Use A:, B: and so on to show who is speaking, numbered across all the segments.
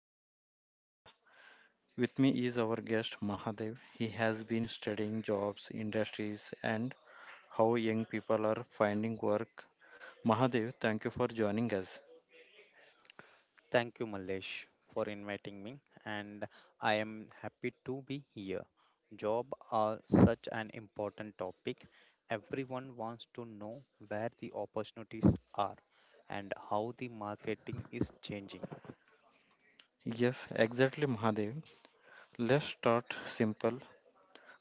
A: market trends in India. With me is our guest Mahadev. He has been studying jobs, industries, and how young people are finding work. Mahadev, thank you for joining us.
B: Thank you, Malesh, for inviting me, and I am happy to be here. Job are such an important topic. Everyone wants to know where the opportunities are and how the marketing is changing.
A: Yes, exactly, Mahadev. Let's start simple.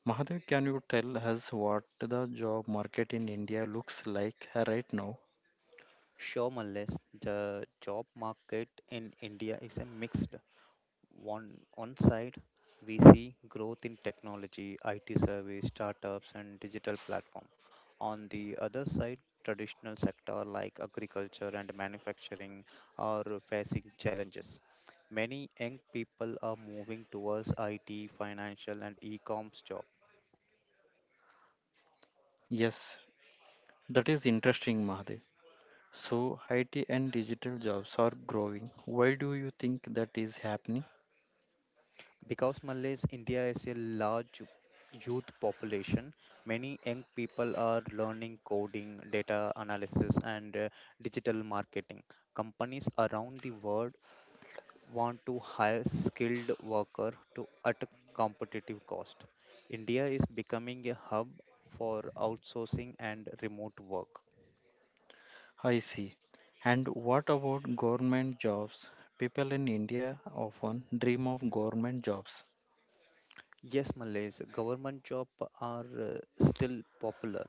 A: Mahadev, can you tell us what the job market in India looks like right now?
B: Sure, Malesh, the job market in India is a mixed. One side, we see growth in technology, IT service, startups, and digital platform. On the other side, traditional sector like agriculture and manufacturing are facing challenges. Many young people are moving towards IT, financial, and e-commerce job.
A: Yes. That is interesting, Mahadev. So, IT and digital jobs are growing. Why do you think that is happening?
B: Because Malays, India is a large youth population, many young people are learning coding, data analysis, and digital marketing. Companies around the world want to hire skilled workers to at a competitive cost. India is becoming a hub for outsourcing and remote work.
A: I see. And what about government jobs? People in India often dream of government jobs.
B: Yes, Malays, government job are still popular.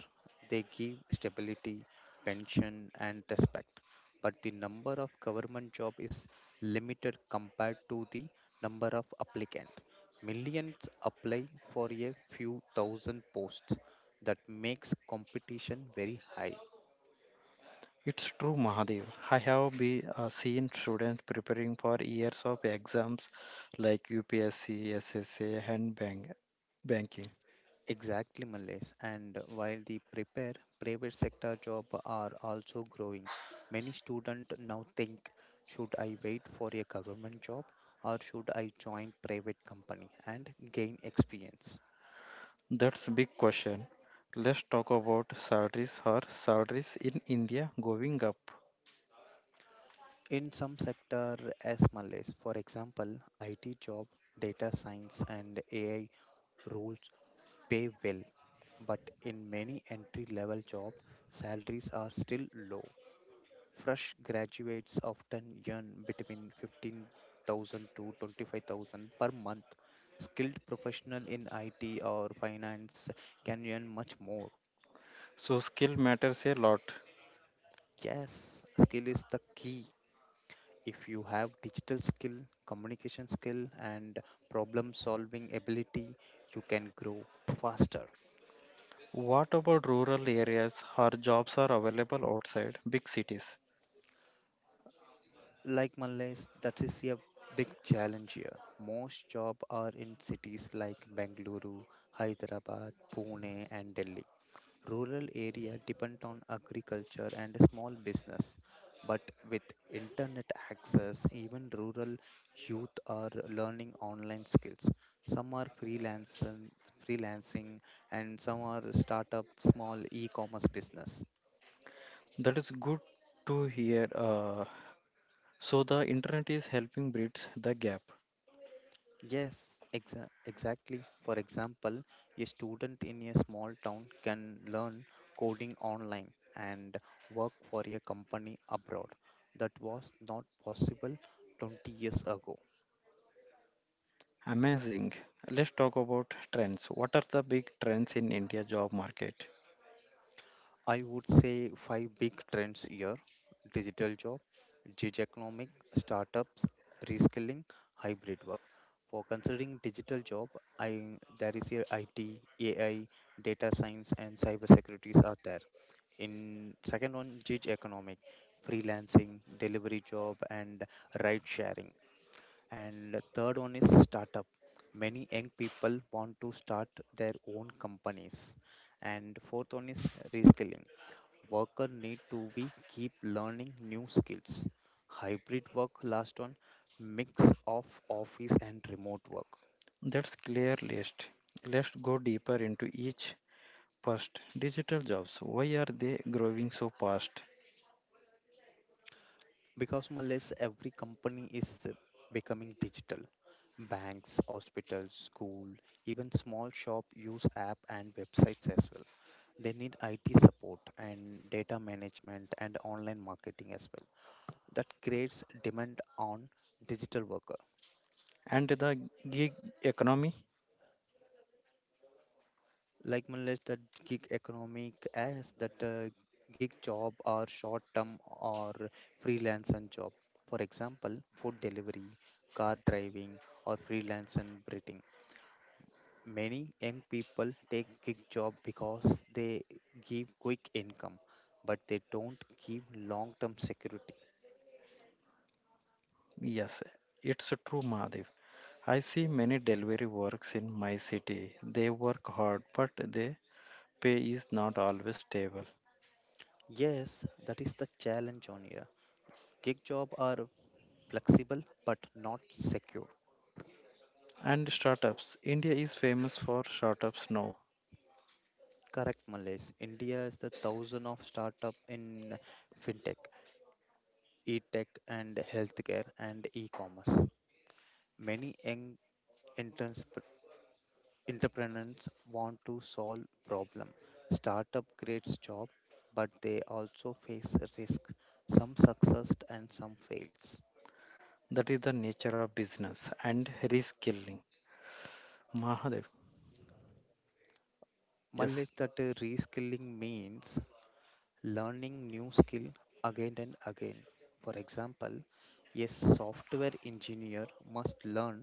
B: They give stability, pension, and respect. But the number of government job is limited compared to the number of applicant. Millions apply for a few thousand posts. That makes competition very high.
A: It's true, Mahadev. I have seen students preparing for years of exams like UPSC, SSA, and banking.
B: Exactly, Males. And while the prepare private sector job are also growing, many students now think, should I wait for a government job or should I join private company and gain experience?
A: That's a big question. Let's talk about salaries. Are salaries in India going up?
B: In some sector as Malays, for example, IT job, data science and AI roles pay well, but in many entry level job, salaries are still low. Fresh graduates often earn between 15,000 to 25,000 per month. Skilled professional in IT or finance can earn much more.
A: So skill matters a lot.
B: Yes, skill is the key. If you have digital skill, communication skill, and problem solving ability, you can grow faster.
A: What about rural areas? Our jobs are available outside big cities.
B: Like Malays, that is a big challenge here. Most jobs are in cities like Bengaluru, Hyderabad, Pune, and Delhi. Rural area depend on agriculture and small business, but with internet access, even rural youth are learning online skills. Some are freelancing, and some are start up small e-commerce business.
A: That is good to hear. So the internet is helping bridge the gap.
B: Yes, exactly. For example, a student in a small town can learn coding online and work for a company abroad. That was not possible 20 years ago.
A: Amazing. Let's talk about trends. What are the big trends in India job market?
B: I would say five big trends here: digital job, gig economic, startups, reskilling, hybrid work. For considering digital job, I there is a IT, AI, data science, and cybersecurities are there. In second one, gig economic, freelancing delivery job and ride sharing. And third one is startup, many young people want to start their own companies. And fourth one is reskilling, worker need to be keep learning new skills. Hybrid work last one, mix of office and remote work.
A: That's clear list. Let's go deeper into each. First, digital jobs. Why are they growing so fast?
B: Because more or less, every company is becoming digital. Banks, hospitals, school, even small shop use app and websites as well. They need IT support and data management and online marketing as well. That creates demand on digital worker.
A: And the gig economy?
B: Like more or less, that gig economic as that gig job or short term or freelancer job. For example, food delivery, car driving, or freelance and breeding. Many young people take gig job because they give quick income, but they don't give long-term security.
A: Yes, it's true, Mahadevi. I see many delivery works in my city. They work hard, but their pay is not always stable.
B: Yes, that is the challenge on here. Gig job are flexible but not secure.
A: And startups. India is famous for startups now.
B: Correct, Malays. India is the thousand of startup in fintech, e-tech, and healthcare and e-commerce. Many young interns entrepreneurs want to solve problem. Startup creates job, but they also face risk. Some success and some fails.
A: That is the nature of business and reskilling. Mahadev. Yes.
B: Knowledge that reskilling means learning new skill again and again. For example, a software engineer must learn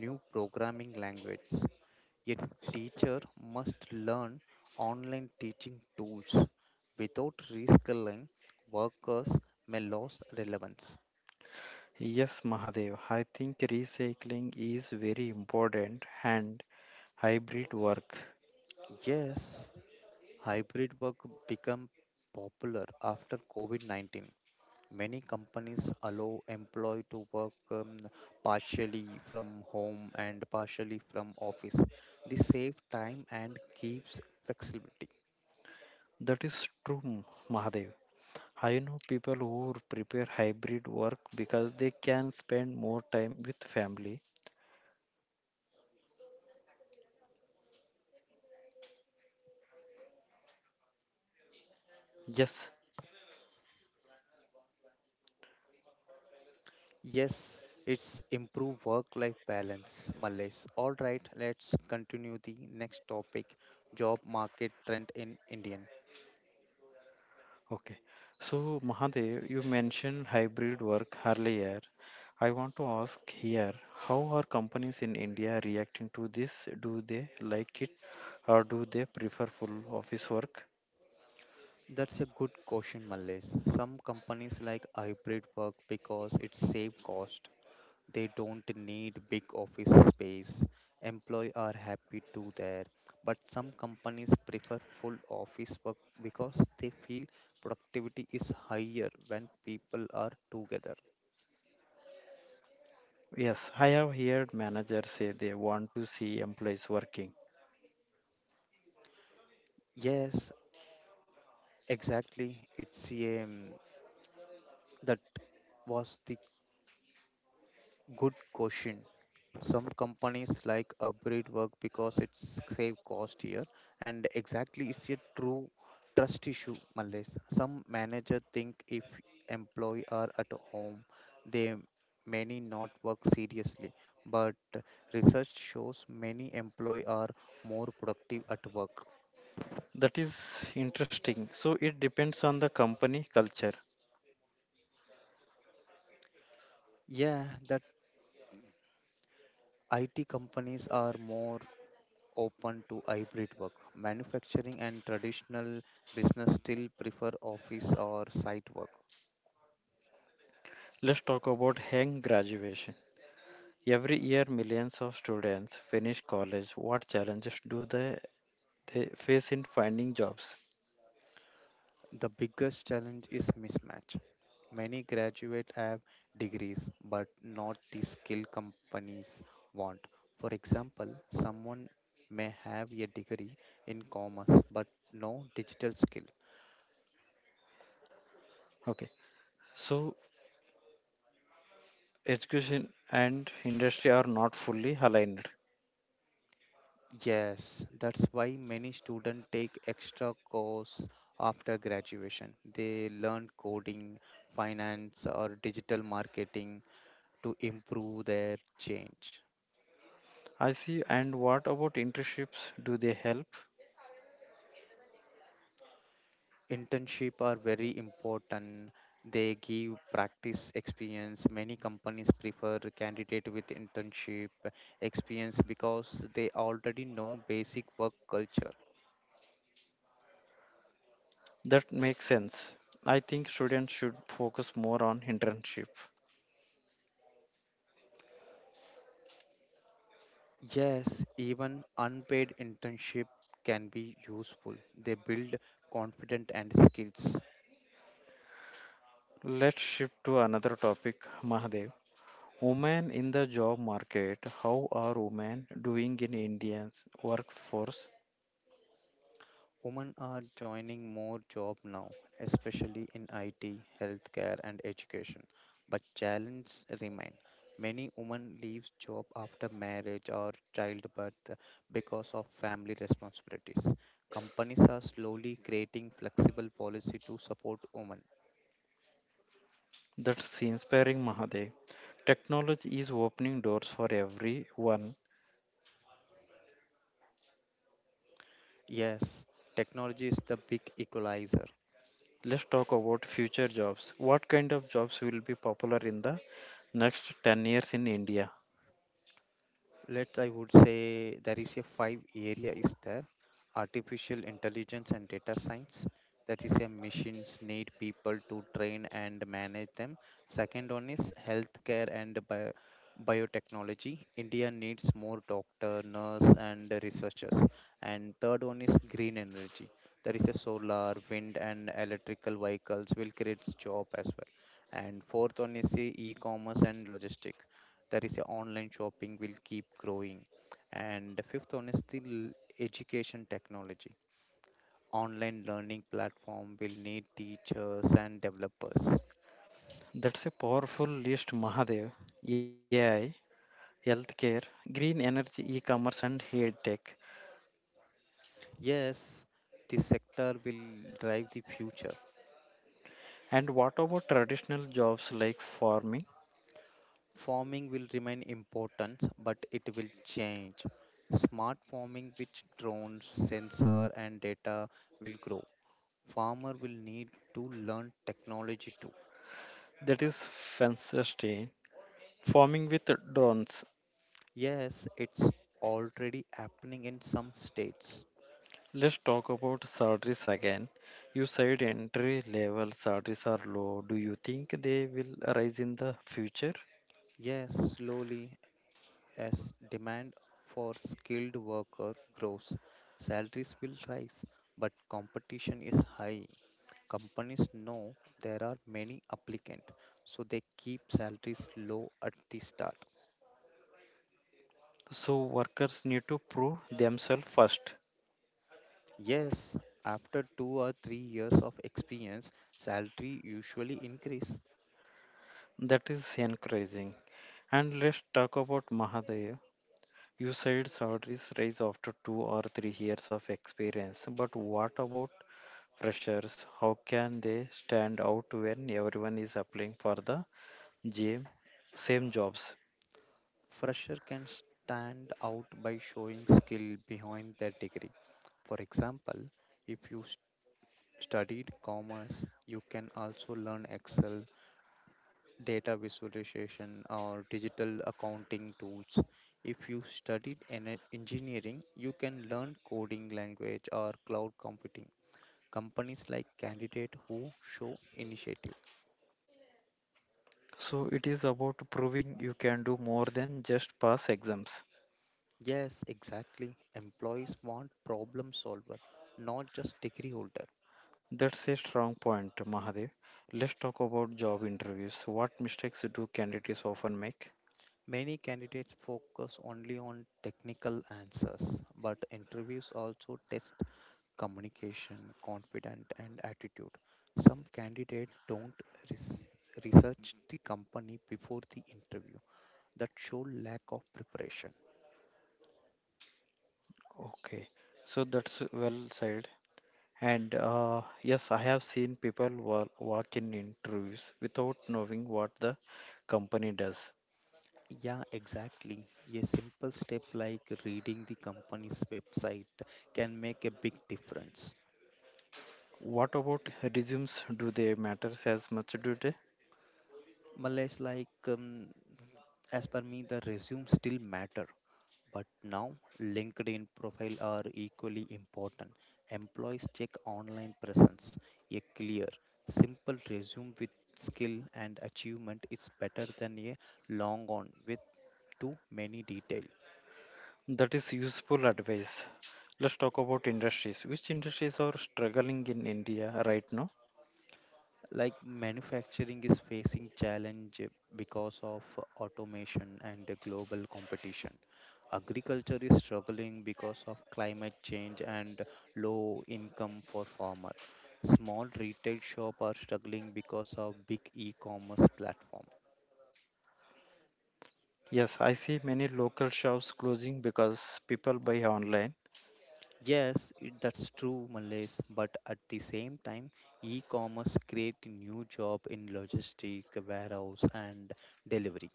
B: new programming language. A teacher must learn online teaching tools. Without reskilling, workers may lose relevance.
A: Yes, Mahadev. I think recycling is very important and hybrid work.
B: Yes, hybrid work became popular after COVID 19. Many companies allow employee to work partially from home and partially from office. This saves time and keeps flexibility.
A: That is true, Mahadev. I know people who prepare hybrid work because they can spend more time with family. Yes.
B: Yes, it's improve work-life balance, Malays. All right, let's continue the next topic, job market trend in Indian.
A: Okay. So, Mahadev, you mentioned hybrid work earlier. I want to ask here, how are companies in India reacting to this? Do they like it or do they prefer full office work?
B: That's a good question, Malays. Some companies like hybrid work because it's save cost. They don't need big office space. Employee are happy to there. But some companies prefer full office work because they feel productivity is higher when people are together.
A: Yes, I have heard managers say they want to see employees working.
B: Yes, exactly, it's a that was the good question. Some companies like upgrade work because it's save cost here, and exactly it's a true trust issue, Malays. Some manager think if employee are at home, they many not work seriously, but research shows many employee are more productive at work.
A: That is interesting. So, it depends on the company culture.
B: Yeah, that IT companies are more open to hybrid work. Manufacturing and traditional business still prefer office or site work.
A: Let's talk about hang graduation. Every year, millions of students finish college. What challenges do they face in finding jobs.
B: The biggest challenge is mismatch. Many graduates have degrees, but not the skill companies want. For example, someone may have a degree in commerce but no digital skill.
A: Okay, so education and industry are not fully aligned.
B: Yes, that's why many students take extra course after graduation. They learn coding, finance, or digital marketing to improve their change.
A: I see. And what about internships? Do they help?
B: Internship are very important. They give practice experience. Many companies prefer candidate with internship experience because they already know basic work culture.
A: That makes sense. I think students should focus more on internship.
B: Yes, even unpaid internship can be useful. They build confidence and skills.
A: Let's shift to another topic, Mahadev. Women in the job market. How are women doing in India's workforce?
B: Women are joining more job now, especially in IT, healthcare and education. But challenges remain. Many women leave job after marriage or childbirth because of family responsibilities. Companies are slowly creating flexible policy to support women.
A: That's inspiring, Mahadev. Technology is opening doors for everyone.
B: Yes, technology is the big equalizer.
A: Let's talk about future jobs. What kind of jobs will be popular in the next 10 years in India?
B: Let's, I would say there is a five area is there. Artificial intelligence and data science, that is a machines need people to train and manage them. Second one is healthcare and biotechnology, India needs more doctor nurse and researchers. And third one is green energy, there is a solar wind and electrical vehicles will create job as well. And fourth one is the e-commerce and logistic, that is your online shopping will keep growing. And the fifth one is the education technology, online learning platform will need teachers and developers.
A: That's a powerful list, Mahadev. AI, healthcare, green energy, e commerce, and health tech.
B: Yes, this sector will drive the future.
A: And what about traditional jobs like farming?
B: Farming will remain important, but it will change. Smart farming with drones sensor and data will grow. Farmer will need to learn technology too.
A: That is fantastic. Farming with drones.
B: Yes, it's already happening in some states.
A: Let's talk about salaries again. You said entry level salaries are low. Do you think they will rise in the future?
B: Yes, slowly, as demand for skilled worker grows, salaries will rise, but competition is high. Companies know there are many applicants, so they keep salaries low at the start.
A: So workers need to prove themselves first.
B: Yes, after 2 or 3 years of experience, salary usually increase.
A: That is encouraging. And let's talk about Mahadeo. You said salaries rise after 2 or 3 years of experience, but what about freshers? How can they stand out when everyone is applying for the same same jobs?
B: Fresher can stand out by showing skill behind their degree. For example, if you studied commerce, you can also learn Excel, data visualization, or digital accounting tools. If you studied engineering, you can learn coding language or cloud computing. Companies like candidate who show initiative.
A: So it is about proving you can do more than just pass exams.
B: Yes, exactly. Employees want problem solver, not just degree holder.
A: That's a strong point, Mahadev. Let's talk about job interviews. What mistakes do candidates often make?
B: Many candidates focus only on technical answers, but interviews also test communication, confident, and attitude. Some candidates don't res- research the company before the interview. That show lack of preparation.
A: Okay, so that's well said. And yes, I have seen people walk in interviews without knowing what the company does.
B: Yeah, exactly. A simple step like reading the company's website can make a big difference.
A: What about resumes? Do they matter as much? Do they?
B: Malays like as per me, the resume still matter. But now, LinkedIn profile are equally important. Employees check online presence. A clear, simple resume with skill and achievement is better than a long one with too many details.
A: That is useful advice. Let's talk about industries. Which industries are struggling in India right now?
B: Like manufacturing is facing challenge because of automation and global competition. Agriculture is struggling because of climate change and low income for farmer. Small retail shop are struggling because of big e-commerce platform. Yes it, that's true Malays, but at the same time e-commerce create new job in logistic warehouse and delivery.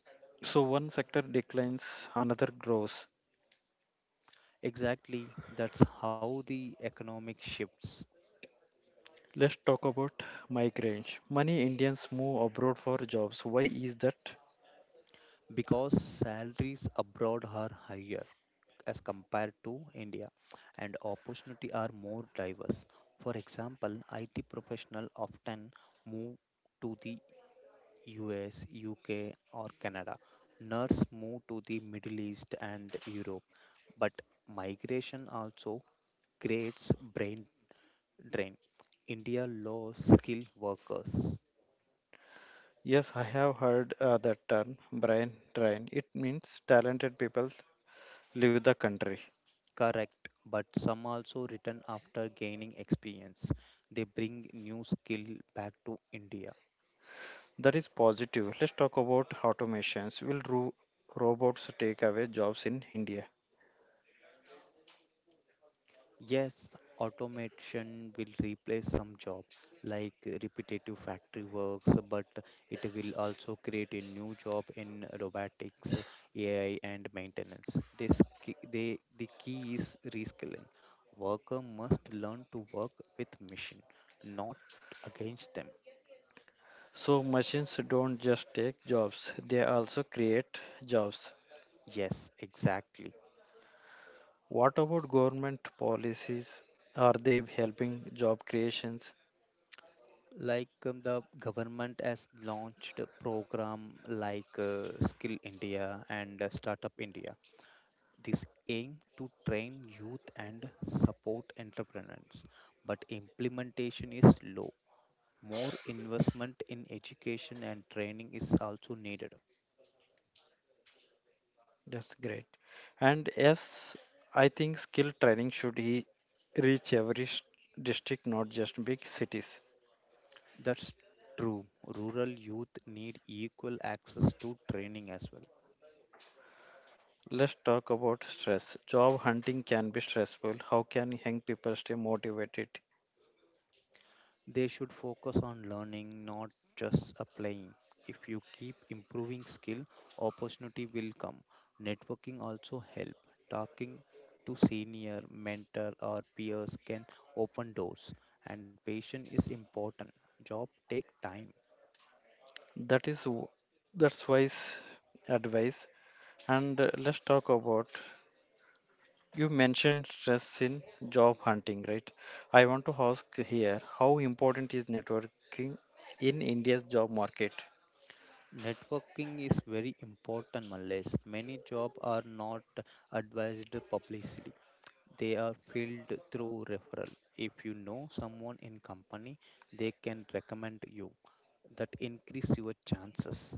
B: Exactly, that's how the economic shifts. Because salaries abroad are higher as compared to India and opportunity are more diverse. For example, IT professional often move to the US, UK or Canada. Nurse move to the Middle East and Europe, but migration also creates brain drain. India low skill workers. Correct, but some also return after gaining experience. They bring new skill back to India. Yes, automation will replace some job like repetitive factory works, but it will also create a new job in robotics, AI, and maintenance. This the key is reskilling. Worker must learn to work with machine, not against them. Yes, exactly. Like the government has launched a program like skill India and startup India. This aim to train youth and support entrepreneurs, but implementation is low. More investment in education and training is also needed. That's true, rural youth need equal access to training as well. They should focus on learning, not just applying. If you keep improving skill, opportunity will come. Networking also help. Talking to senior, mentor or peers can open doors, and patience is important. Job take time. Networking is very important, Malays. Many jobs are not advised publicly. They are filled through referral. If you know someone in company, they can recommend you. That increase your chances.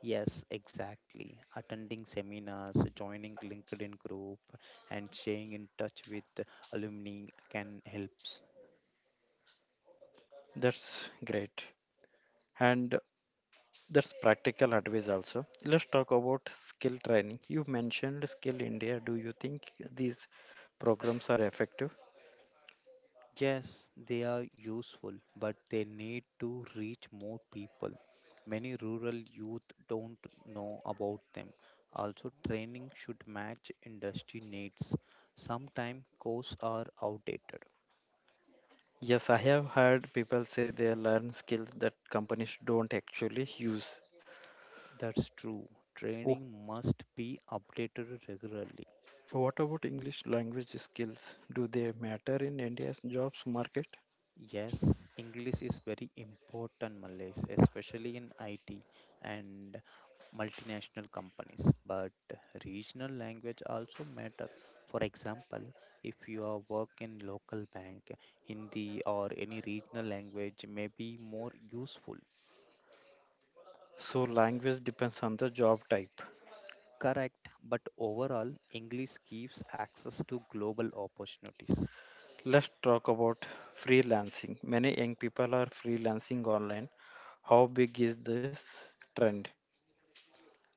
B: Yes, exactly. Attending seminars, joining LinkedIn group, and staying in touch with alumni can help. Yes, they are useful, but they need to reach more people. Many rural youth don't know about them. Also, training should match industry needs. Sometimes courses are outdated. That's true. Training must be updated regularly. Yes, English is very important, Malaysia, especially in IT and multinational companies. But regional language also matter. For example, if you are work in local bank, Hindi or any regional language may be more useful. Correct, but overall, English gives access to global opportunities.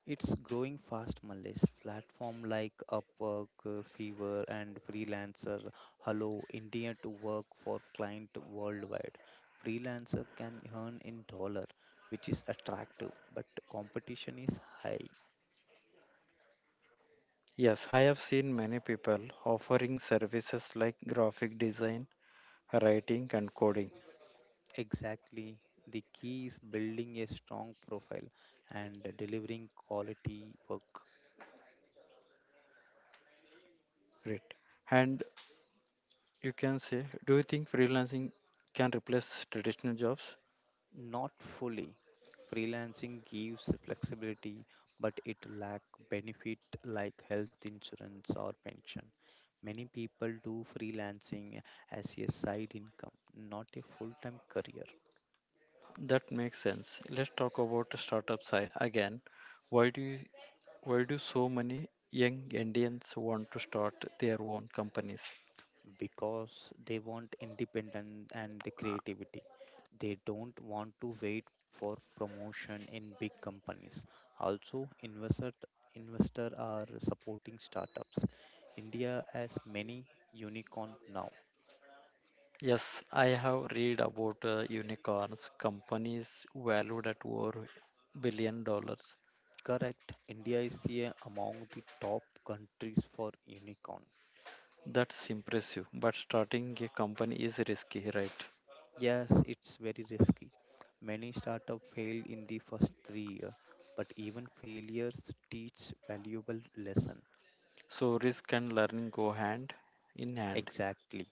B: It's growing fast, Malaysia. Platform like Upwork, Fiverr, and Freelancer allow India to work for client worldwide. Freelancer can earn in dollar, which is attractive, but competition is high. Exactly. The key is building a strong profile and delivering quality work. Not fully. Freelancing gives flexibility, but it lack benefit like health insurance or pension. Many people do freelancing as a side income, not a full-time career, because they want independence and creativity. They don't want to wait for promotion in big companies. Also, investor are supporting startups. India has many unicorn now. Correct. India is here among the top countries for unicorn. Yes, it's very risky. Many startups fail in the first 3 years, but even failures teach valuable lesson. Exactly.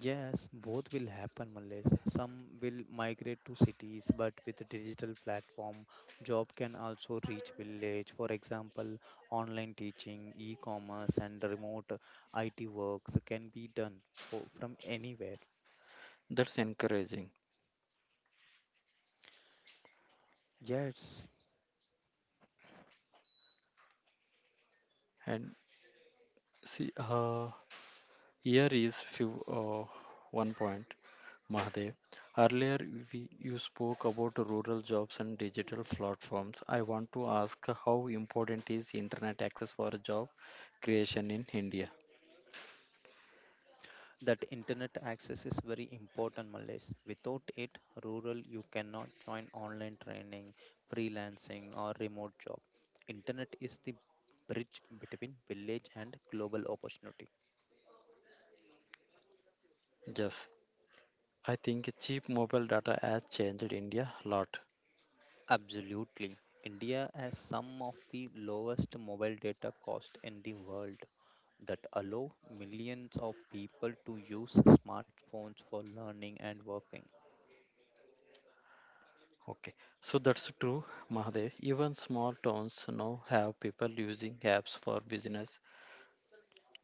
B: Yes, both will happen, Malaysia. Some will migrate to cities, but with the digital platform, job can also reach village. For example, online teaching, e-commerce, and remote IT works can be done from anywhere. Yes, that internet access is very important, Malays. Without it, rural you cannot join online training, freelancing, or remote job. Internet is the bridge between village and global opportunity. Absolutely. India has some of the lowest mobile data cost in the world that allow millions of people to use smartphones for learning and working.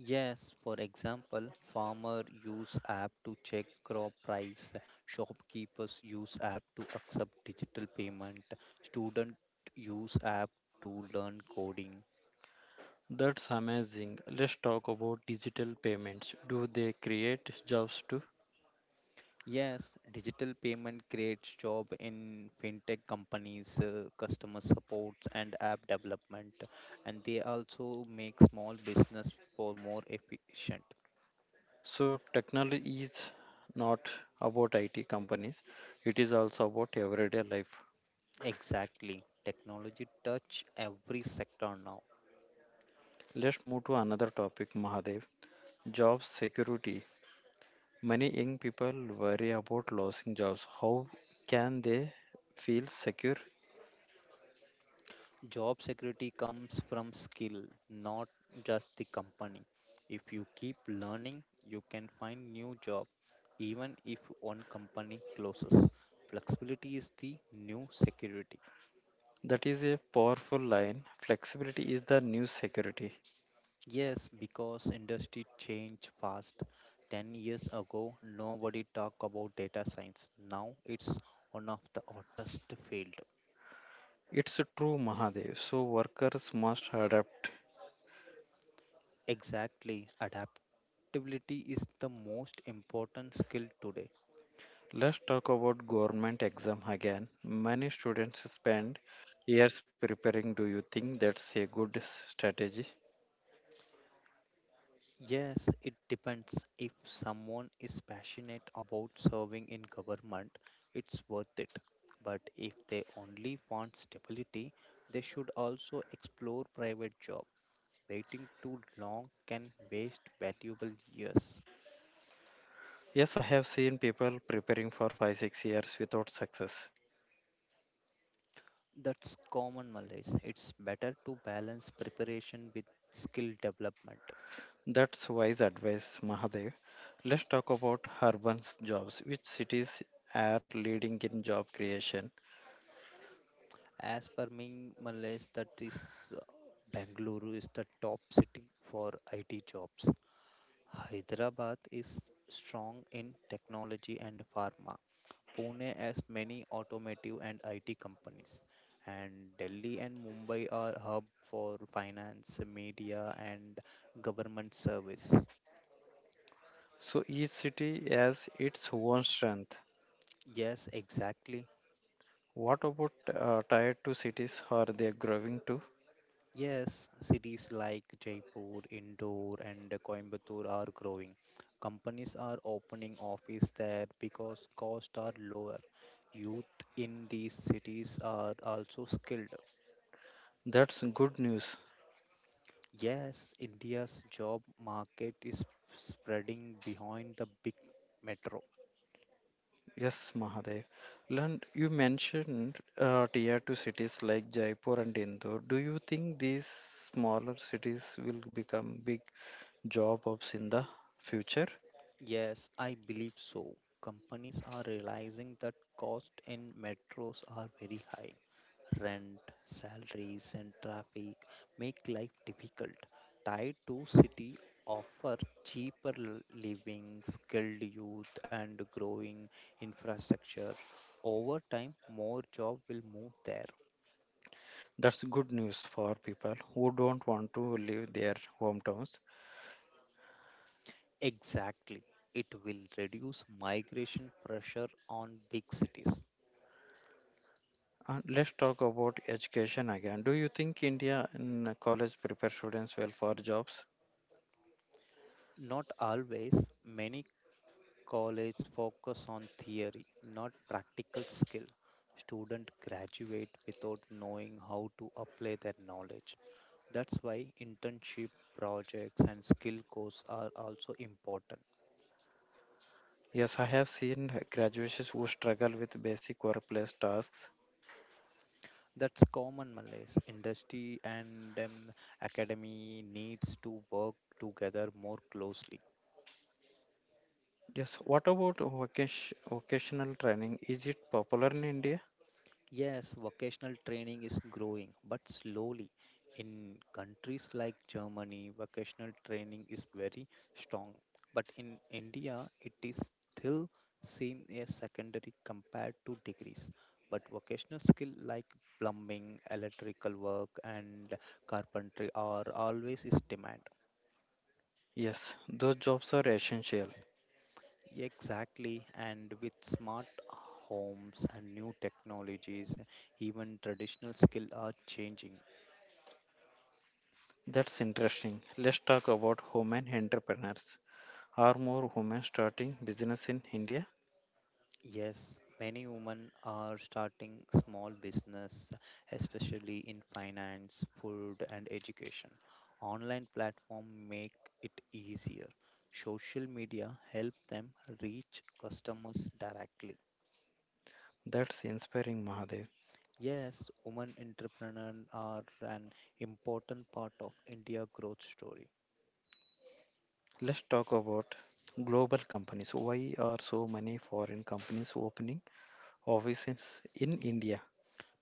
B: Yes, for example, farmer use app to check crop price, shopkeepers use app to accept digital payment, student use app to learn coding. Yes, digital payment creates job in fintech companies, customer supports and app development, and they also make small business for more efficient. Exactly. Technology touch every sector now. Job security comes from skill, not just the company. If you keep learning, you can find new job even if one company closes. Flexibility is the new security. Yes, because industry change fast. 10 years ago, nobody talked about data science. Now it's one of the hottest field. Exactly. Adaptability is the most important skill today. Yes, it depends. If someone is passionate about serving in government, it's worth it. But if they only want stability, they should also explore private job. Waiting too long can waste valuable years. That's common Malays. It's better to balance preparation with skill development. As per me, Malays, that is uh, Bangalore is the top city for IT jobs. Hyderabad is strong in technology and pharma. Pune has many automotive and IT companies. And Delhi and Mumbai are hub for finance, media and government service. Yes, exactly. Yes, cities like Jaipur, Indore and Coimbatore are growing. Companies are opening office there because costs are lower. Youth in these cities are also skilled. Yes, India's job market is spreading behind the big metro. Yes, I believe so. Companies are realizing that costs in metros are very high. Rent, salaries, and traffic make life difficult. Tier 2 city offer cheaper living, skilled youth, and growing infrastructure. Over time, more job will move there. Exactly. It will reduce migration pressure on big cities. Not always. Many college focus on theory, not practical skill. Student graduate without knowing how to apply their knowledge. That's why internship projects and skill courses are also important. That's common malaise. Industry and academy needs to work together more closely. Yes, vocational training is growing, but slowly. In countries like Germany, vocational training is very strong, but in India, it is still seen as secondary compared to degrees. But vocational skill like plumbing, electrical work, and carpentry are always is demand. Exactly, and with smart homes and new technologies, even traditional skill are changing. Yes, many women are starting small business, especially in finance, food, and education. Online platform make it easier. Social media help them reach customers directly. Yes, women entrepreneurs are an important part of India growth story.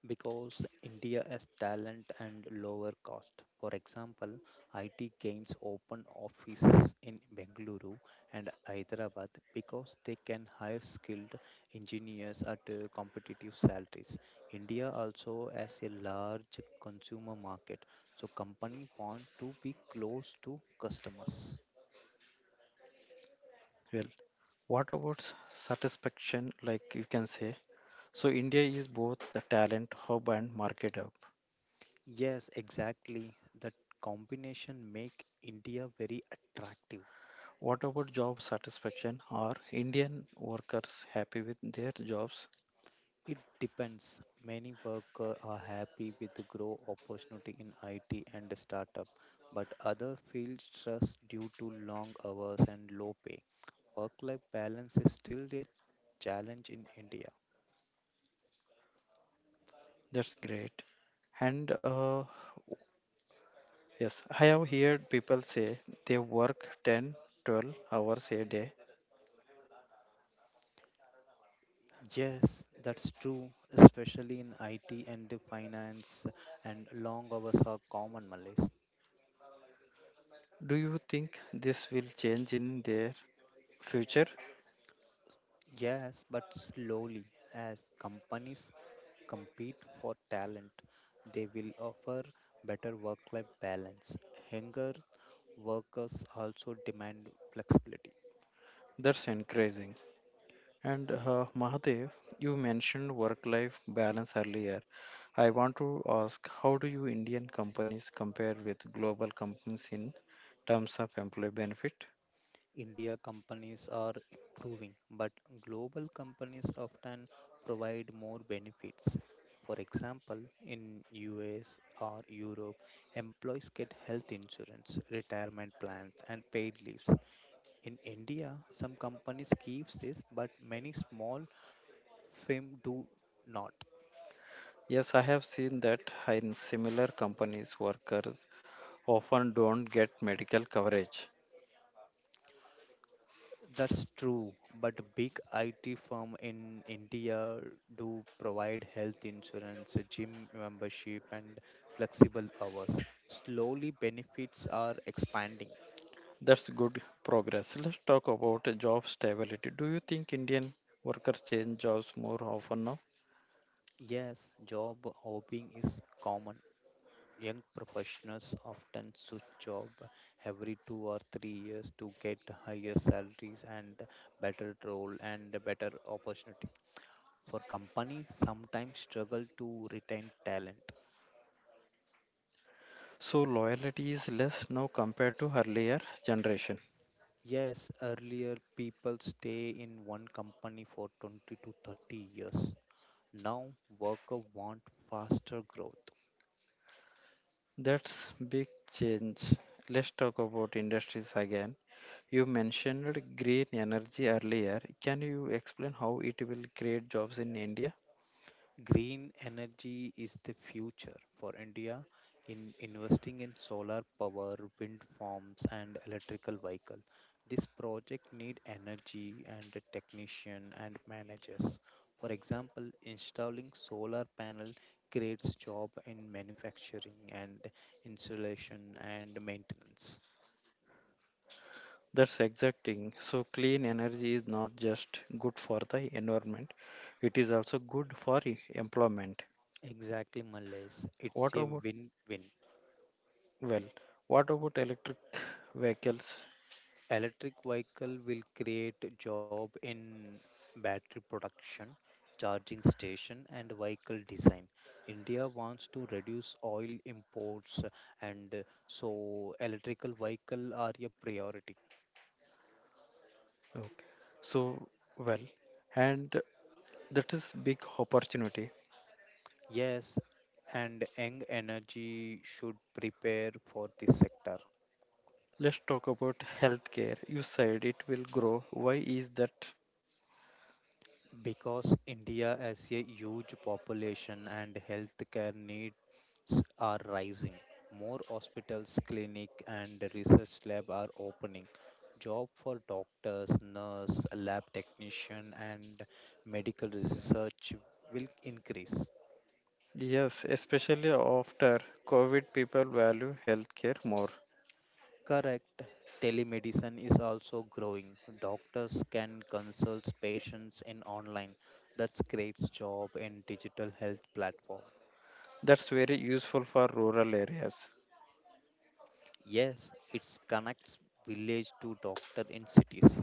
B: Because India has talent and lower cost. For example, IT gains open offices in Bengaluru and Hyderabad because they can hire skilled engineers at competitive salaries. India also has a large consumer market, so companies want to be close to customers. Yes, exactly. That combination make India very attractive. It depends. Many workers are happy with the growth opportunity in IT and the startup, but others feel stressed due to long hours and low pay. Work-life balance is still a challenge in India. Yes, that's true, especially in IT and the finance, and long hours are common malaise. Yes, but slowly, as companies compete for talent, they will offer better work life balance. Hunger workers also demand flexibility. India companies are improving, but global companies often provide more benefits. For example, in US or Europe, employees get health insurance, retirement plans and paid leaves. In India, some companies keep this, but many small firms do not. That's true, but big IT firm in India do provide health insurance, gym membership, and flexible hours. Slowly, benefits are expanding. Yes, job hopping is common. Young professionals often switch job every 2 or 3 years to get higher salaries and better role and better opportunity. For companies, sometimes struggle to retain talent. Yes, earlier people stay in one company for 20 to 30 years. Now, workers want faster growth. Green energy is the future for India in investing in solar power, wind farms, and electrical vehicle. This project need energy and a technician and managers. For example, installing solar panel creates job in manufacturing and installation and maintenance. Exactly, Malays. It's a win-win. Electric vehicle will create job in battery production, charging station and vehicle design. India wants to reduce oil imports and so electrical vehicle are a priority. Yes, and Young Energy should prepare for this sector. Because India has a huge population and healthcare needs are rising. More hospitals, clinic and research lab are opening. Job for doctors, nurse, lab technician and medical research will increase. Correct. Telemedicine is also growing. Doctors can consult patients in online. That creates job in digital health platform. Yes, it connects village to doctor in cities.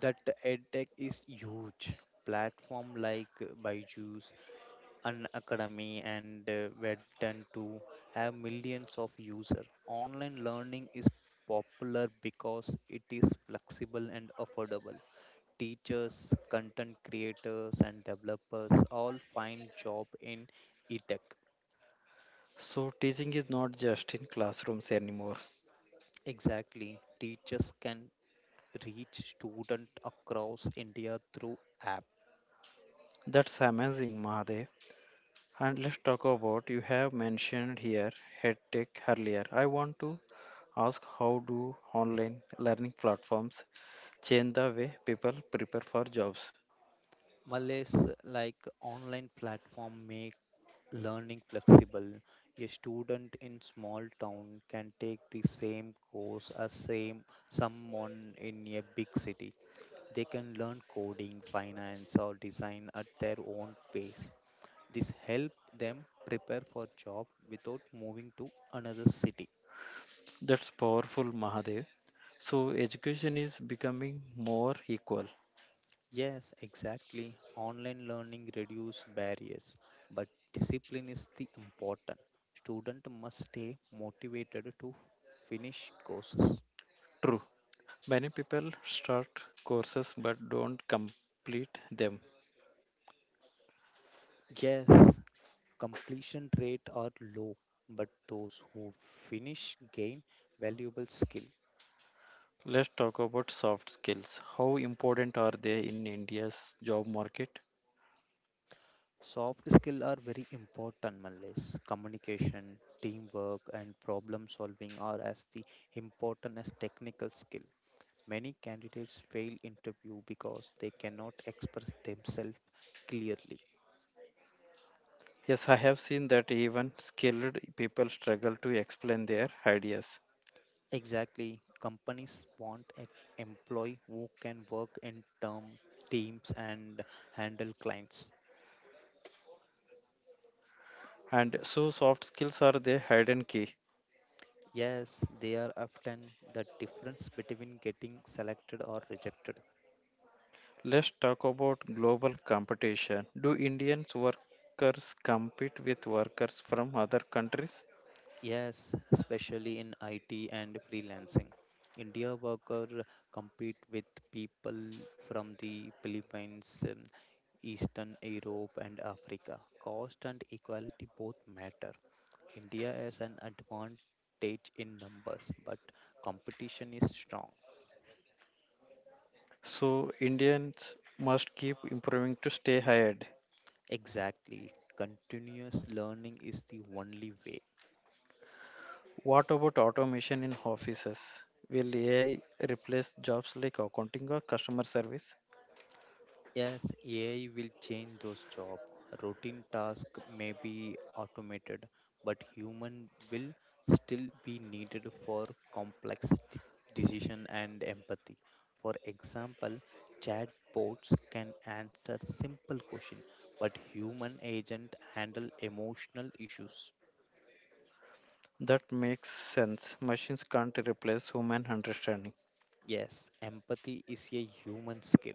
B: That edtech is huge. Platform like Byju's, an academy, and Webdon too have millions of users. Online learning is popular because it is flexible and affordable. Teachers, content creators, and developers all find job in edtech. Exactly, teachers can reach student across India through app. Malays like online platform make learning flexible. A student in small town can take the same course as same someone in a big city. They can learn coding, finance or design at their own pace. This help them prepare for job without moving to another city. Yes, exactly. Online learning reduce barriers, but discipline is the important. Student must stay motivated to finish courses. Yes, completion rate are low, but those who finish gain valuable skill. Soft skill are very important, Malays. Communication, teamwork, and problem solving are as the important as technical skill. Many candidates fail interview because they cannot express themselves clearly. Exactly, companies want an employee who can work in term teams and handle clients. Yes, they are often the difference between getting selected or rejected. Yes, especially in IT and freelancing. India worker compete with people from the Philippines, Eastern Europe and Africa. Cost and equality both matter. India has an advantage in numbers, but competition is strong. Exactly. Continuous learning is the only way. Yes, AI will change those jobs. Routine tasks may be automated, but human will still be needed for complex decision and empathy. For example, chatbots can answer simple questions, but human agent handle emotional issues. Yes, empathy is a human skill.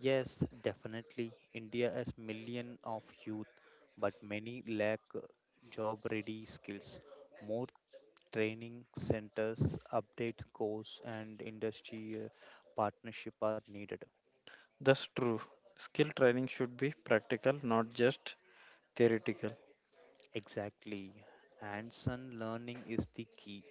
B: Yes, definitely. India has million of youth, but many lack job ready skills. More training centers, update course and industry partnership are needed. Exactly. Hands-on learning is the key.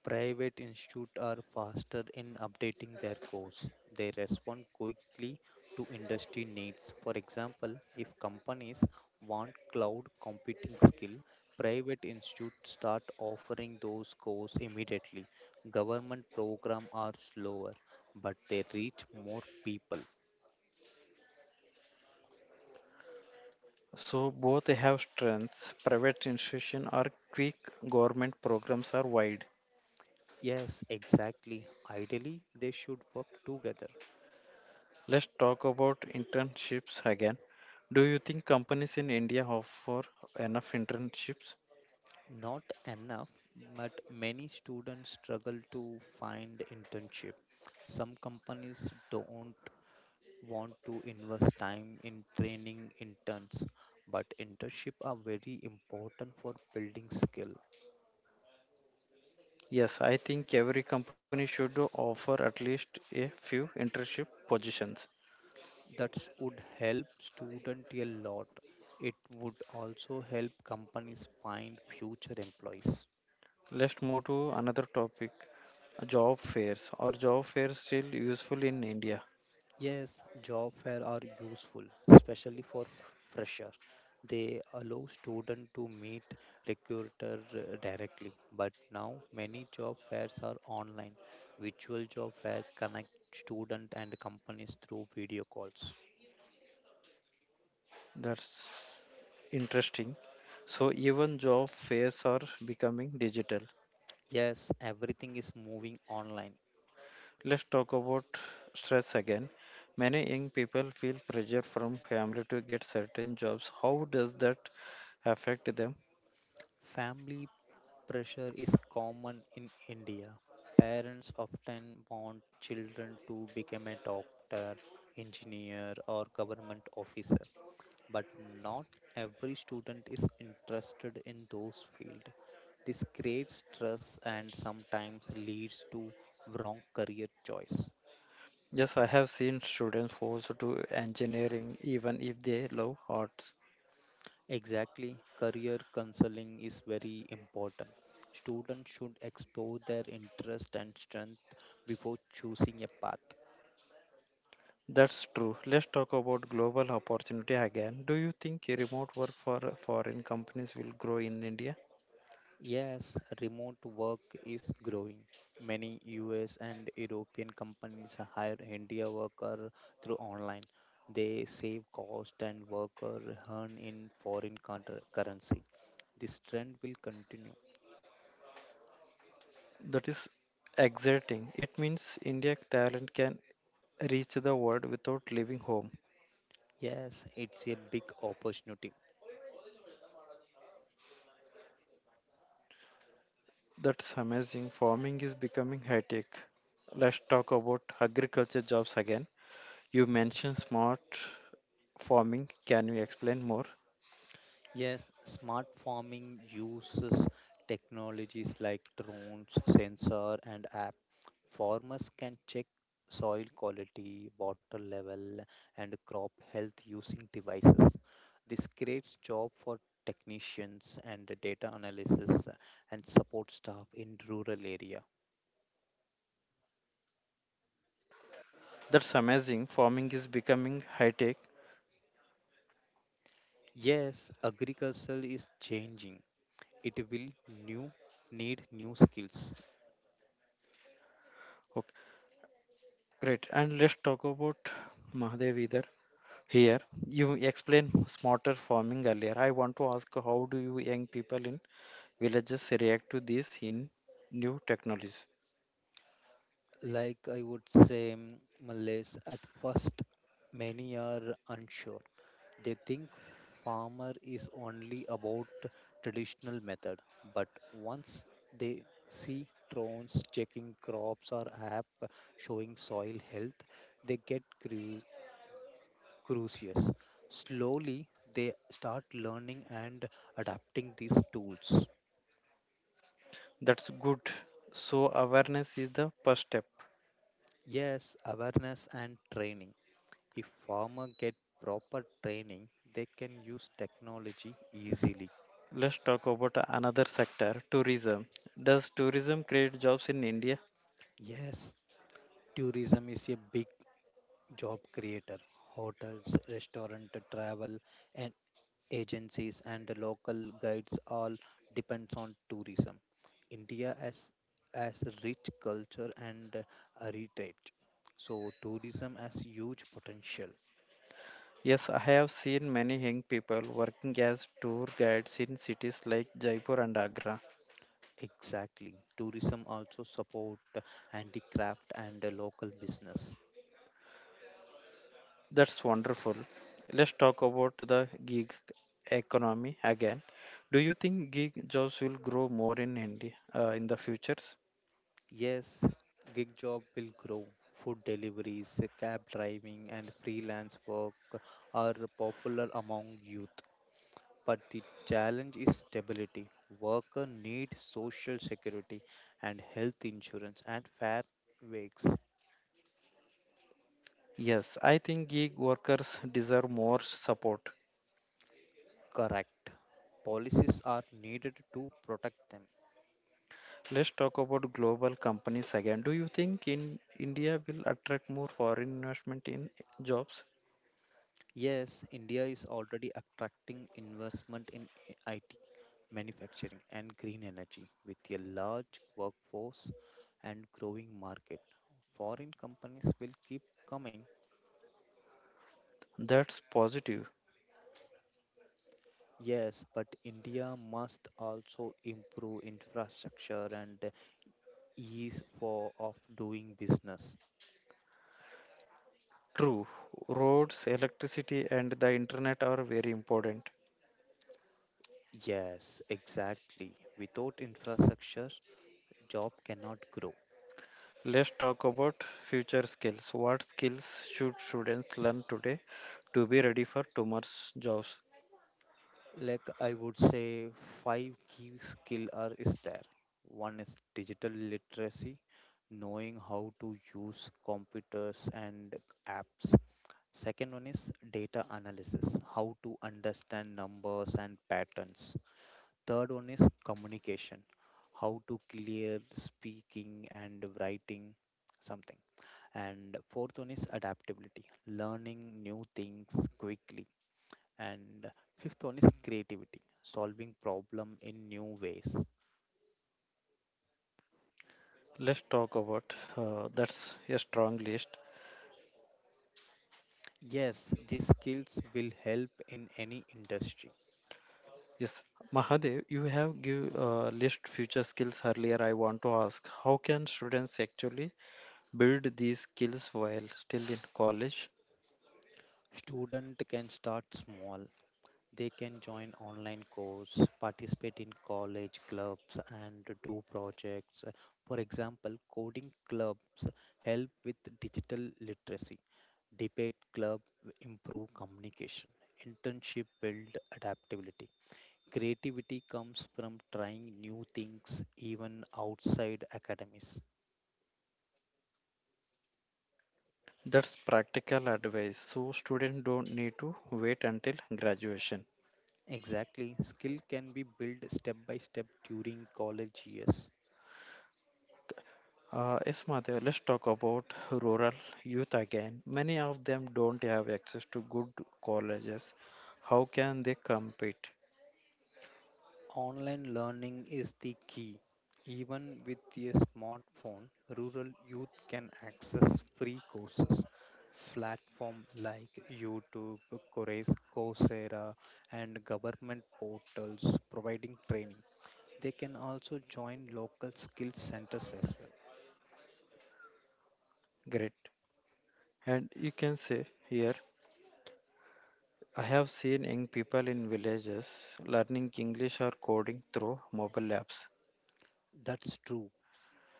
B: Private institutes are faster in updating their course. They respond quickly to industry needs. For example, if companies want cloud computing skill, private institutes start offering those courses immediately. Government programs are slower, but they reach more people. Yes, exactly. Ideally, they should work together. Not enough, but many students struggle to find internship. Some companies don't want to invest time in training interns, but internship are very important for building skill. That would help student a lot. It would also help companies find future employees. Yes, job fair are useful, especially for fresher. They allow student to meet recruiter directly, but now many job fairs are online. Virtual job fair connect student and companies through video calls. Yes, everything is moving online. Family pressure is common in India. Parents often want children to become a doctor, engineer, or government officer but not every student is interested in those fields. This creates stress and sometimes leads to wrong career choice. Exactly, career counseling is very important. Students should explore their interest and strength before choosing a path. Yes, remote work is growing. Many US and European companies hire India worker through online. They save cost and worker earn in foreign counter currency. This trend will continue. Yes, it's a big opportunity. Yes, smart farming uses technologies like drones, sensor, and app. Farmers can check soil quality, water level, and crop health using devices. This creates job for technicians and data analysis and support staff in rural area. Yes, agriculture is changing. It will new need new skills. Like I would say, Malays, at first, many are unsure. They think farmer is only about traditional method, but once they see drones checking crops or app showing soil health, they get curious. Slowly, they start learning and adapting these tools. Yes, awareness and training. If farmers get proper training, they can use technology easily. Yes, tourism is a big job creator. Hotels, restaurant, travel, and agencies and local guides all depends on tourism. India has as rich culture and heritage. So tourism has huge potential. Exactly. Tourism also support handicraft and local business. Yes, gig job will grow. Food deliveries, cab driving, and freelance work are popular among youth. But the challenge is stability. Workers need social security and health insurance and fair wages. Correct. Policies are needed to protect them. Yes, India is already attracting investment in IT manufacturing, and green energy. With a large workforce and growing market, foreign companies will keep coming. Yes, but India must also improve infrastructure and ease for of doing business. Yes, exactly. Without infrastructure, job cannot grow. Like I would say, five key skill are is there. One is digital literacy, knowing how to use computers and apps. Second one is data analysis, how to understand numbers and patterns. Third one is communication, how to clear speaking and writing something. And fourth one is adaptability, learning new things quickly, and fifth one is creativity, solving problem in new ways. Yes, these skills will help in any industry. Student can start small. They can join online course, participate in college clubs and do projects. For example, coding clubs help with digital literacy. Debate club improve communication. Internship build adaptability. Creativity comes from trying new things even outside academies. Exactly, skill can be built step by step during college years. Online learning is the key. Even with a smartphone, rural youth can access free courses. Platform like YouTube, Coursera, and government portals providing training. They can also join local skill centers as well. That's true.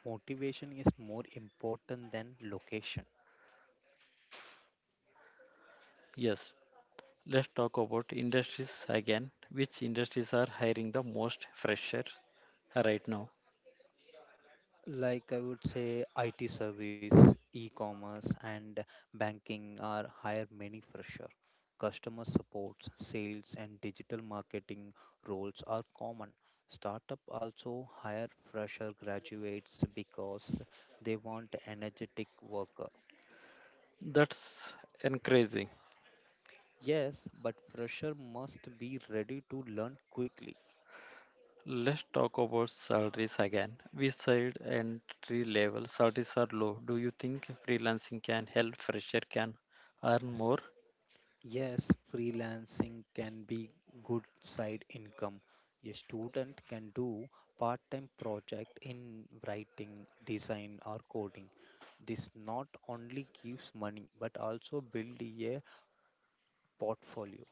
B: Motivation is more important than location. Like I would say, IT service, e-commerce, and banking are hire many fresher. Customer supports, sales, and digital marketing roles are common. Startup also hire fresher graduates because they want energetic worker. Yes, but fresher must be ready to learn quickly. Yes, freelancing can be good side income. A student can do part-time project in writing, design or coding. This not only gives money but also build a portfolio.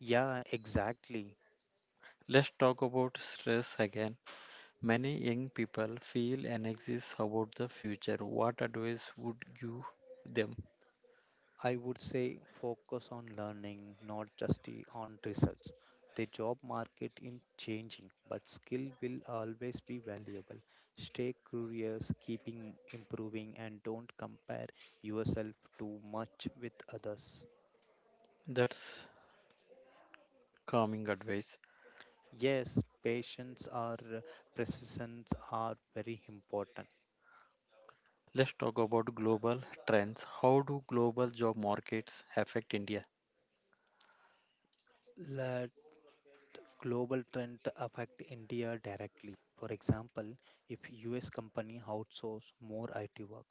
B: Yeah, exactly. I would say focus on learning, not just the- on results. The job market is changing, but skill will always be valuable. Stay curious, keeping improving, and don't compare yourself too much with others. Yes, patience or precisions are very important. La Global trend affect India directly. For example, if US company outsource more IT work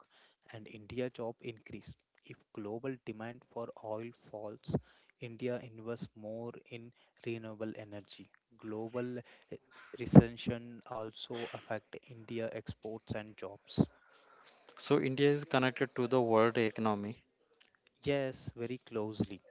B: and India job increase, if global demand for oil falls, India invests more in renewable energy. Global recession also affect India exports and jobs. Yes, very closely.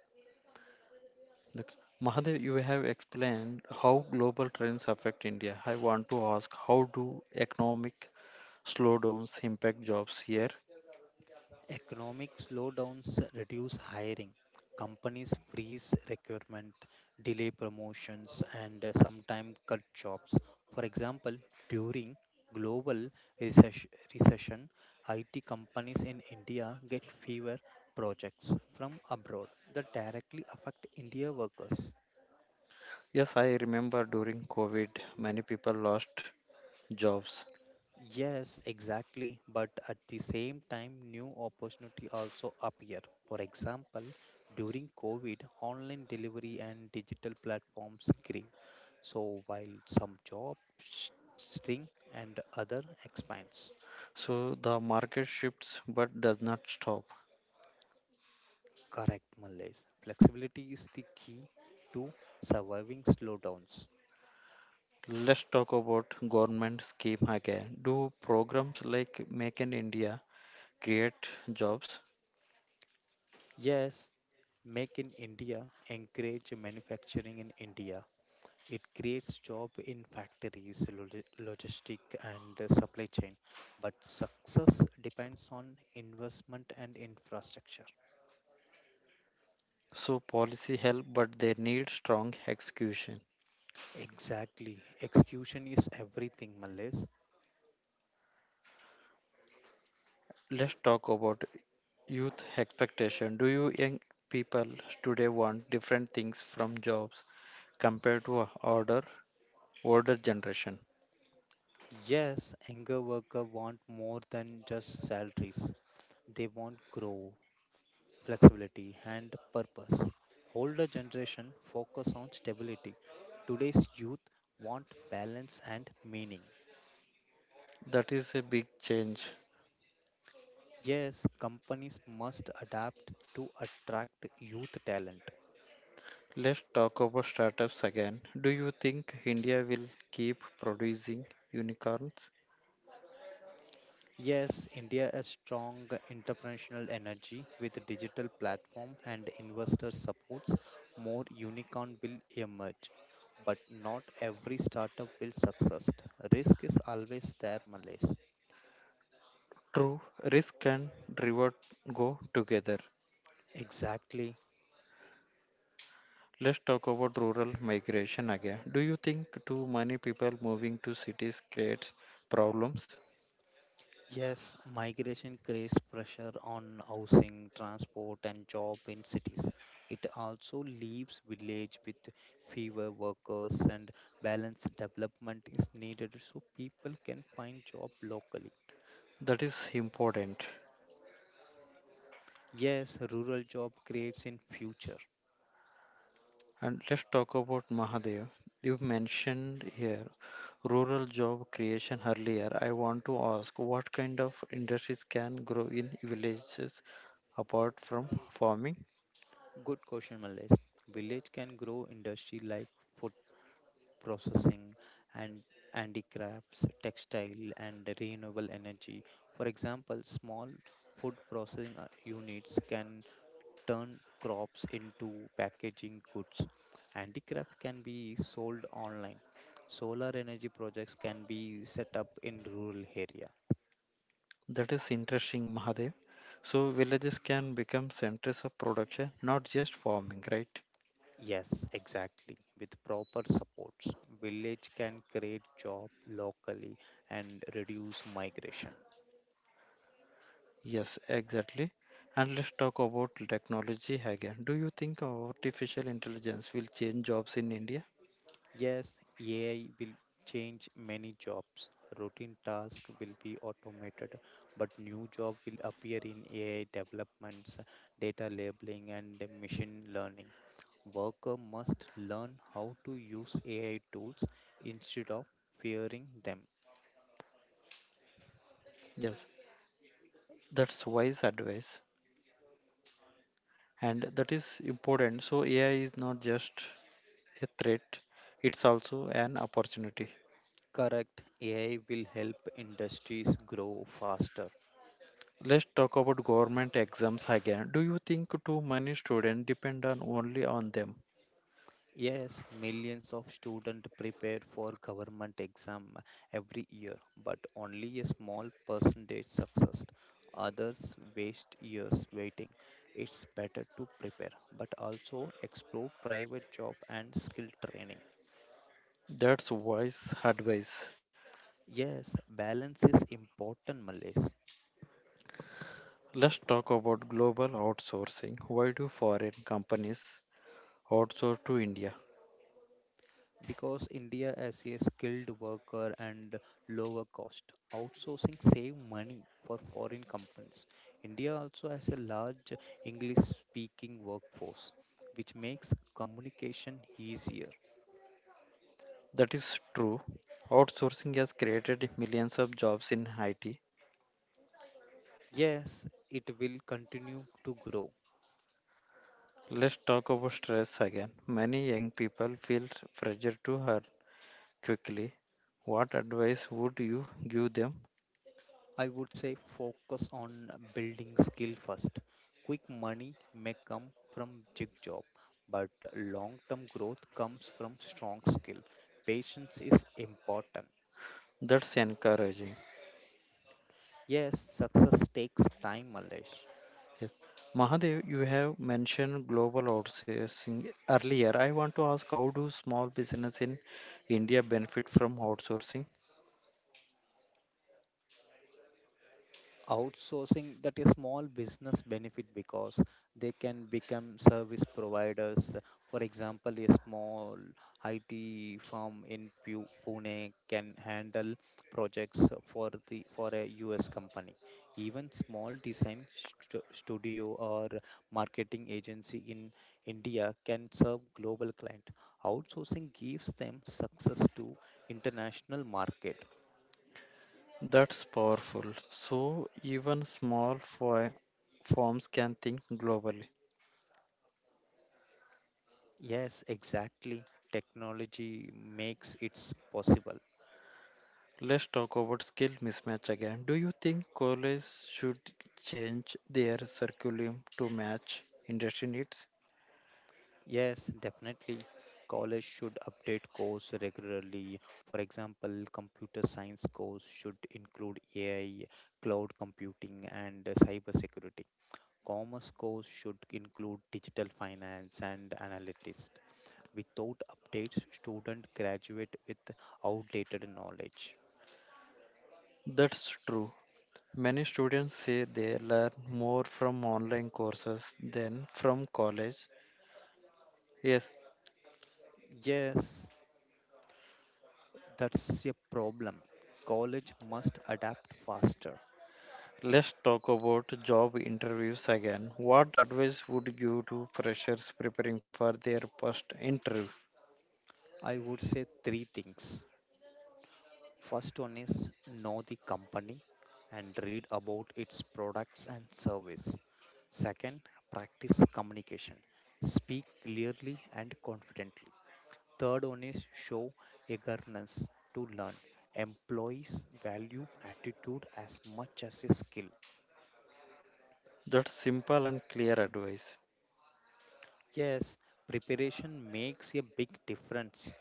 B: Economic slowdowns reduce hiring. Companies freeze recruitment, delay promotions, and sometimes cut jobs. For example, during global recess- recession, IT companies in India get fewer projects from abroad that directly affect India workers. Yes, exactly. But at the same time, new opportunity also appear. For example, during COVID, online delivery and digital platforms grew. So while some jobs shrink and other expands. Correct, Malays. Flexibility is the key to surviving slowdowns. Yes, Make in India encourage manufacturing in India. It creates job in factories, logistic and supply chain, but success depends on investment and infrastructure. Exactly. Execution is everything, Malays. Yes, younger worker want more than just salaries. They want grow, flexibility and purpose. Older generation focus on stability. Today's youth want balance and meaning. Yes, companies must adapt to attract youth talent. Yes, India has strong entrepreneurial energy with digital platform and investor supports. More unicorn will emerge, but not every startup will succeed. Risk is always there, Malays. Exactly. Yes, migration creates pressure on housing, transport, and job in cities. It also leaves village with fewer workers and balanced development is needed so people can find job locally. Yes, rural job creates in future. Good question, Malaysia. Village can grow industry like processing and handicrafts, textile and renewable energy. For example, small food processing units can turn crops into packaging goods. Handicraft can be sold online. Solar energy projects can be set up in rural area. Yes, exactly. With proper supports, village can create job locally and reduce migration. Yes, AI will change many jobs. Routine tasks will be automated, but new jobs will appear in AI developments, data labeling, and machine learning. Worker must learn how to use AI tools instead of fearing them. Correct, AI will help industries grow faster. Yes, millions of students prepare for government exam every year, but only a small percentage success. Others waste years waiting. It's better to prepare, but also explore private job and skill training. Yes, balance is important, Malays. Because India as a skilled worker and lower cost outsourcing save money for foreign companies. India also has a large English speaking workforce, which makes communication easier. Yes, it will continue to grow. I would say focus on building skill first. Quick money may come from jig job, but long term growth comes from strong skill. Patience is important. Yes, success takes time, Malesh. Outsourcing that is small business benefit because they can become service providers. For example, a small IT firm in Pune can handle projects for a US company. Even small design studio or marketing agency in India can serve global client. Outsourcing gives them success to international market. Yes, exactly. Technology makes it possible. Yes, definitely. College should update course regularly. For example, computer science course should include AI, cloud computing, and cybersecurity. Commerce course should include digital finance and analytics. Without updates, student graduate with outdated knowledge. Yes, that's a problem. College must adapt faster. I would say three things. First one is know the company and read about its products and service. Second, practice communication. Speak clearly and confidently. Third one is show eagerness to learn. Employees value attitude as much as a skill. Yes, preparation makes a big difference.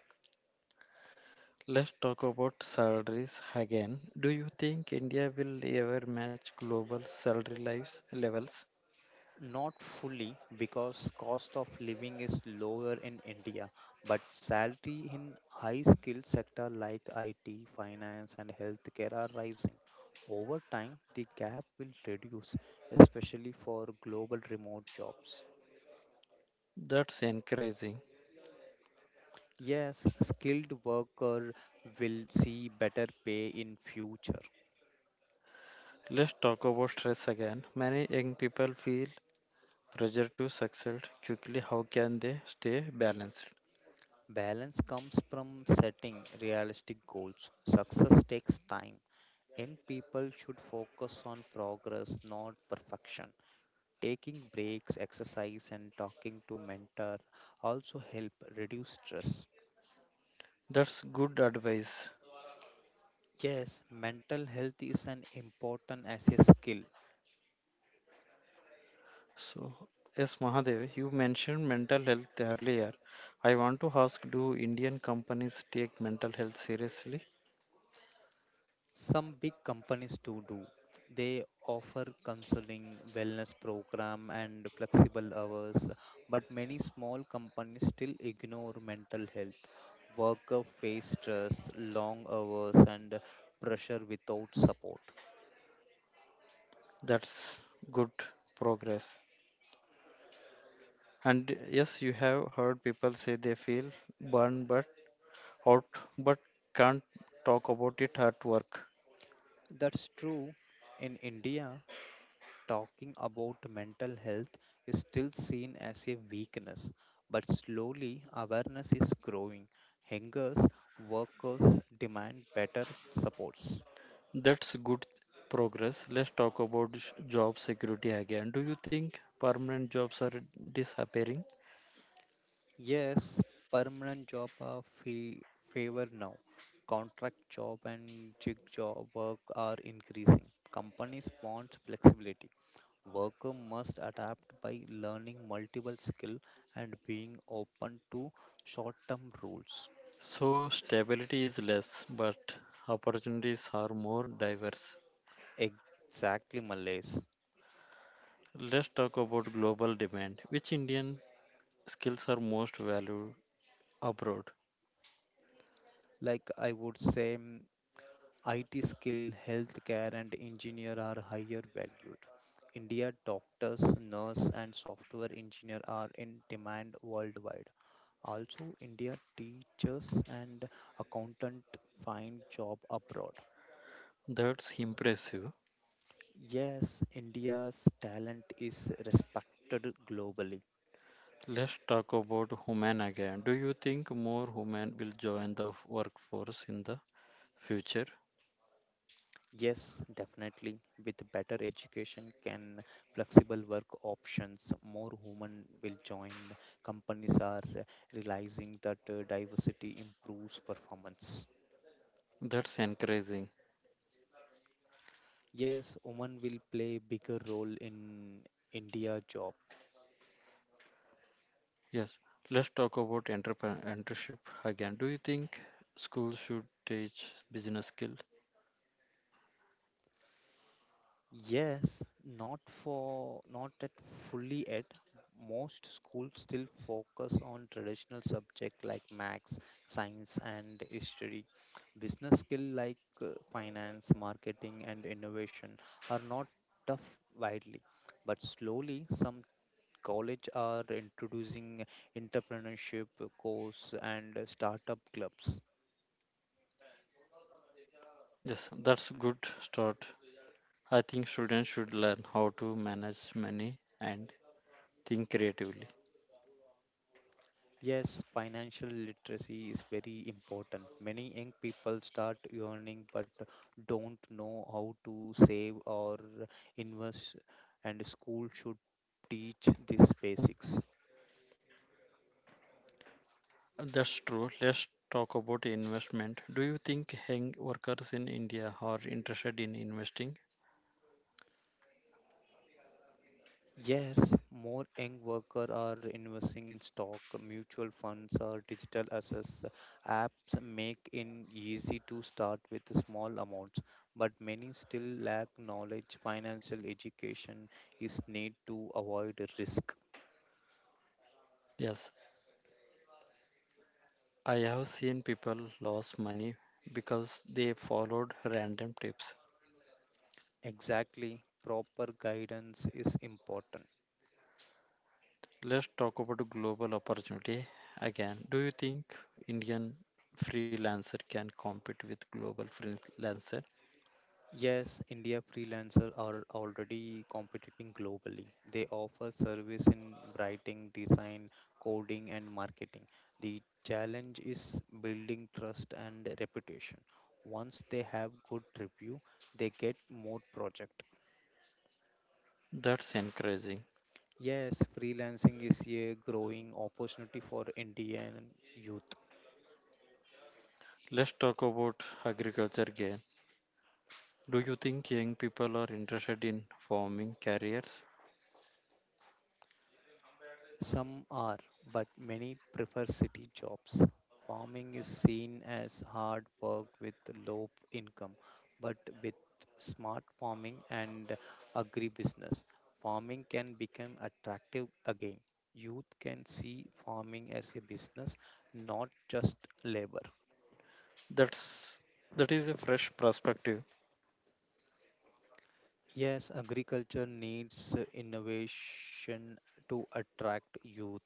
B: Not fully because cost of living is lower in India, but salary in high skill sector like IT, finance and healthcare are rising. Over time, the gap will reduce, especially for global remote jobs. Yes, skilled worker will see better pay in future. Balance comes from setting realistic goals. Success takes time. Young people should focus on progress, not perfection. Taking breaks, exercise, and talking to mentor also help reduce stress. Yes, mental health is an important as a skill. Some big companies do. They offer counseling, wellness program, and flexible hours, but many small companies still ignore mental health. Workers face stress, long hours, and pressure without support. That's true. In India, talking about mental health is still seen as a weakness, but slowly awareness is growing. Hangers, workers demand better supports. Yes, permanent job are favor now. Contract job and gig job work are increasing. Companies want flexibility. Worker must adapt by learning multiple skill and being open to short-term rules. Exactly, Malays. Like I would say, IT skill, healthcare, and engineer are higher valued. India doctors, nurse, and software engineer are in demand worldwide. Also, India teachers and accountant find job abroad. Yes, India's talent is respected globally. Yes, definitely. With better education, can flexible work options, more women will join. Companies are realizing that diversity improves performance. Yes, women will play bigger role in India job. Yes, not at fully yet. Most schools still focus on traditional subject like maths, science, and history. Business skill like finance, marketing, and innovation are not tough widely, but slowly some college are introducing entrepreneurship course and startup clubs. Yes, financial literacy is very important. Many young people start earning but don't know how to save or invest, and school should teach these basics. Yes, more young workers are investing in stock, mutual funds, or digital assets. Apps make it easy to start with small amounts, but many still lack knowledge. Financial education is need to avoid risk. Exactly, proper guidance is important. Yes, India freelancers are already competing globally. They offer service in writing, design, coding, and marketing. The challenge is building trust and reputation. Once they have good review, they get more project. Yes, freelancing is a growing opportunity for Indian youth. Some are, but many prefer city jobs. Farming is seen as hard work with income, but with smart farming and agribusiness, farming can become attractive again. Youth can see farming as a business, not just labor. Yes, agriculture needs innovation to attract youth.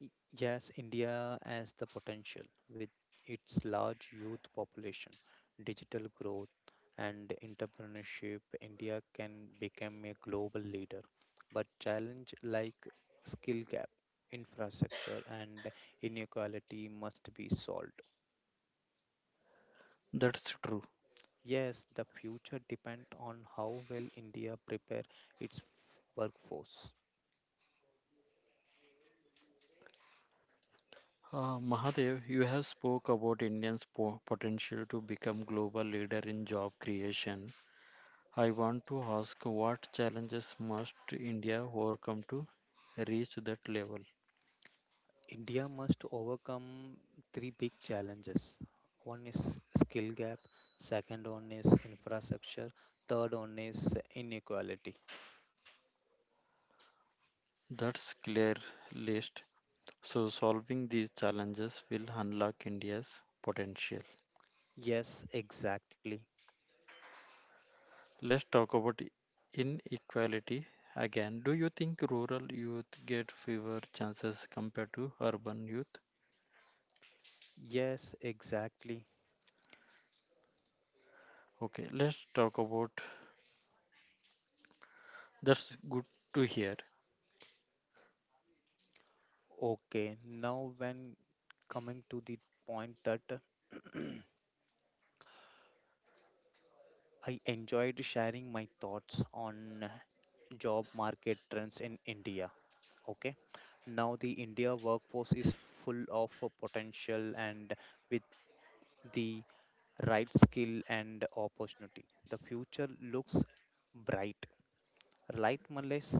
B: Y- Yes, India has the potential with its large youth population, digital growth, and entrepreneurship. India can become a global leader, but challenge like skill gap, infrastructure, and inequality must be solved. Yes, the future depends on how well India prepare its workforce. India must overcome three big challenges. One is skill gap, second one is infrastructure, third one is inequality. Yes, exactly. Yes, exactly. Okay, now when coming to the point that I enjoyed sharing my thoughts on job market trends in India. Okay, now the India workforce is full of potential and with the right skill and opportunity. The future looks bright. Right, Males?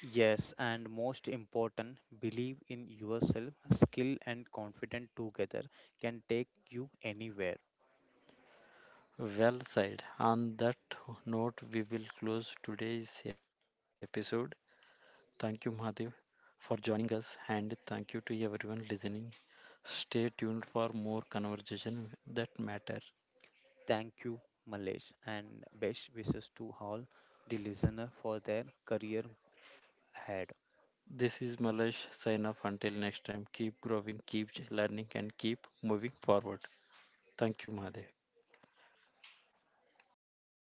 B: Yes, and most important, believe in yourself. Skill and confidence together can take you anywhere. Thank you, Malesh, and best wishes to all the listener for their career ahead.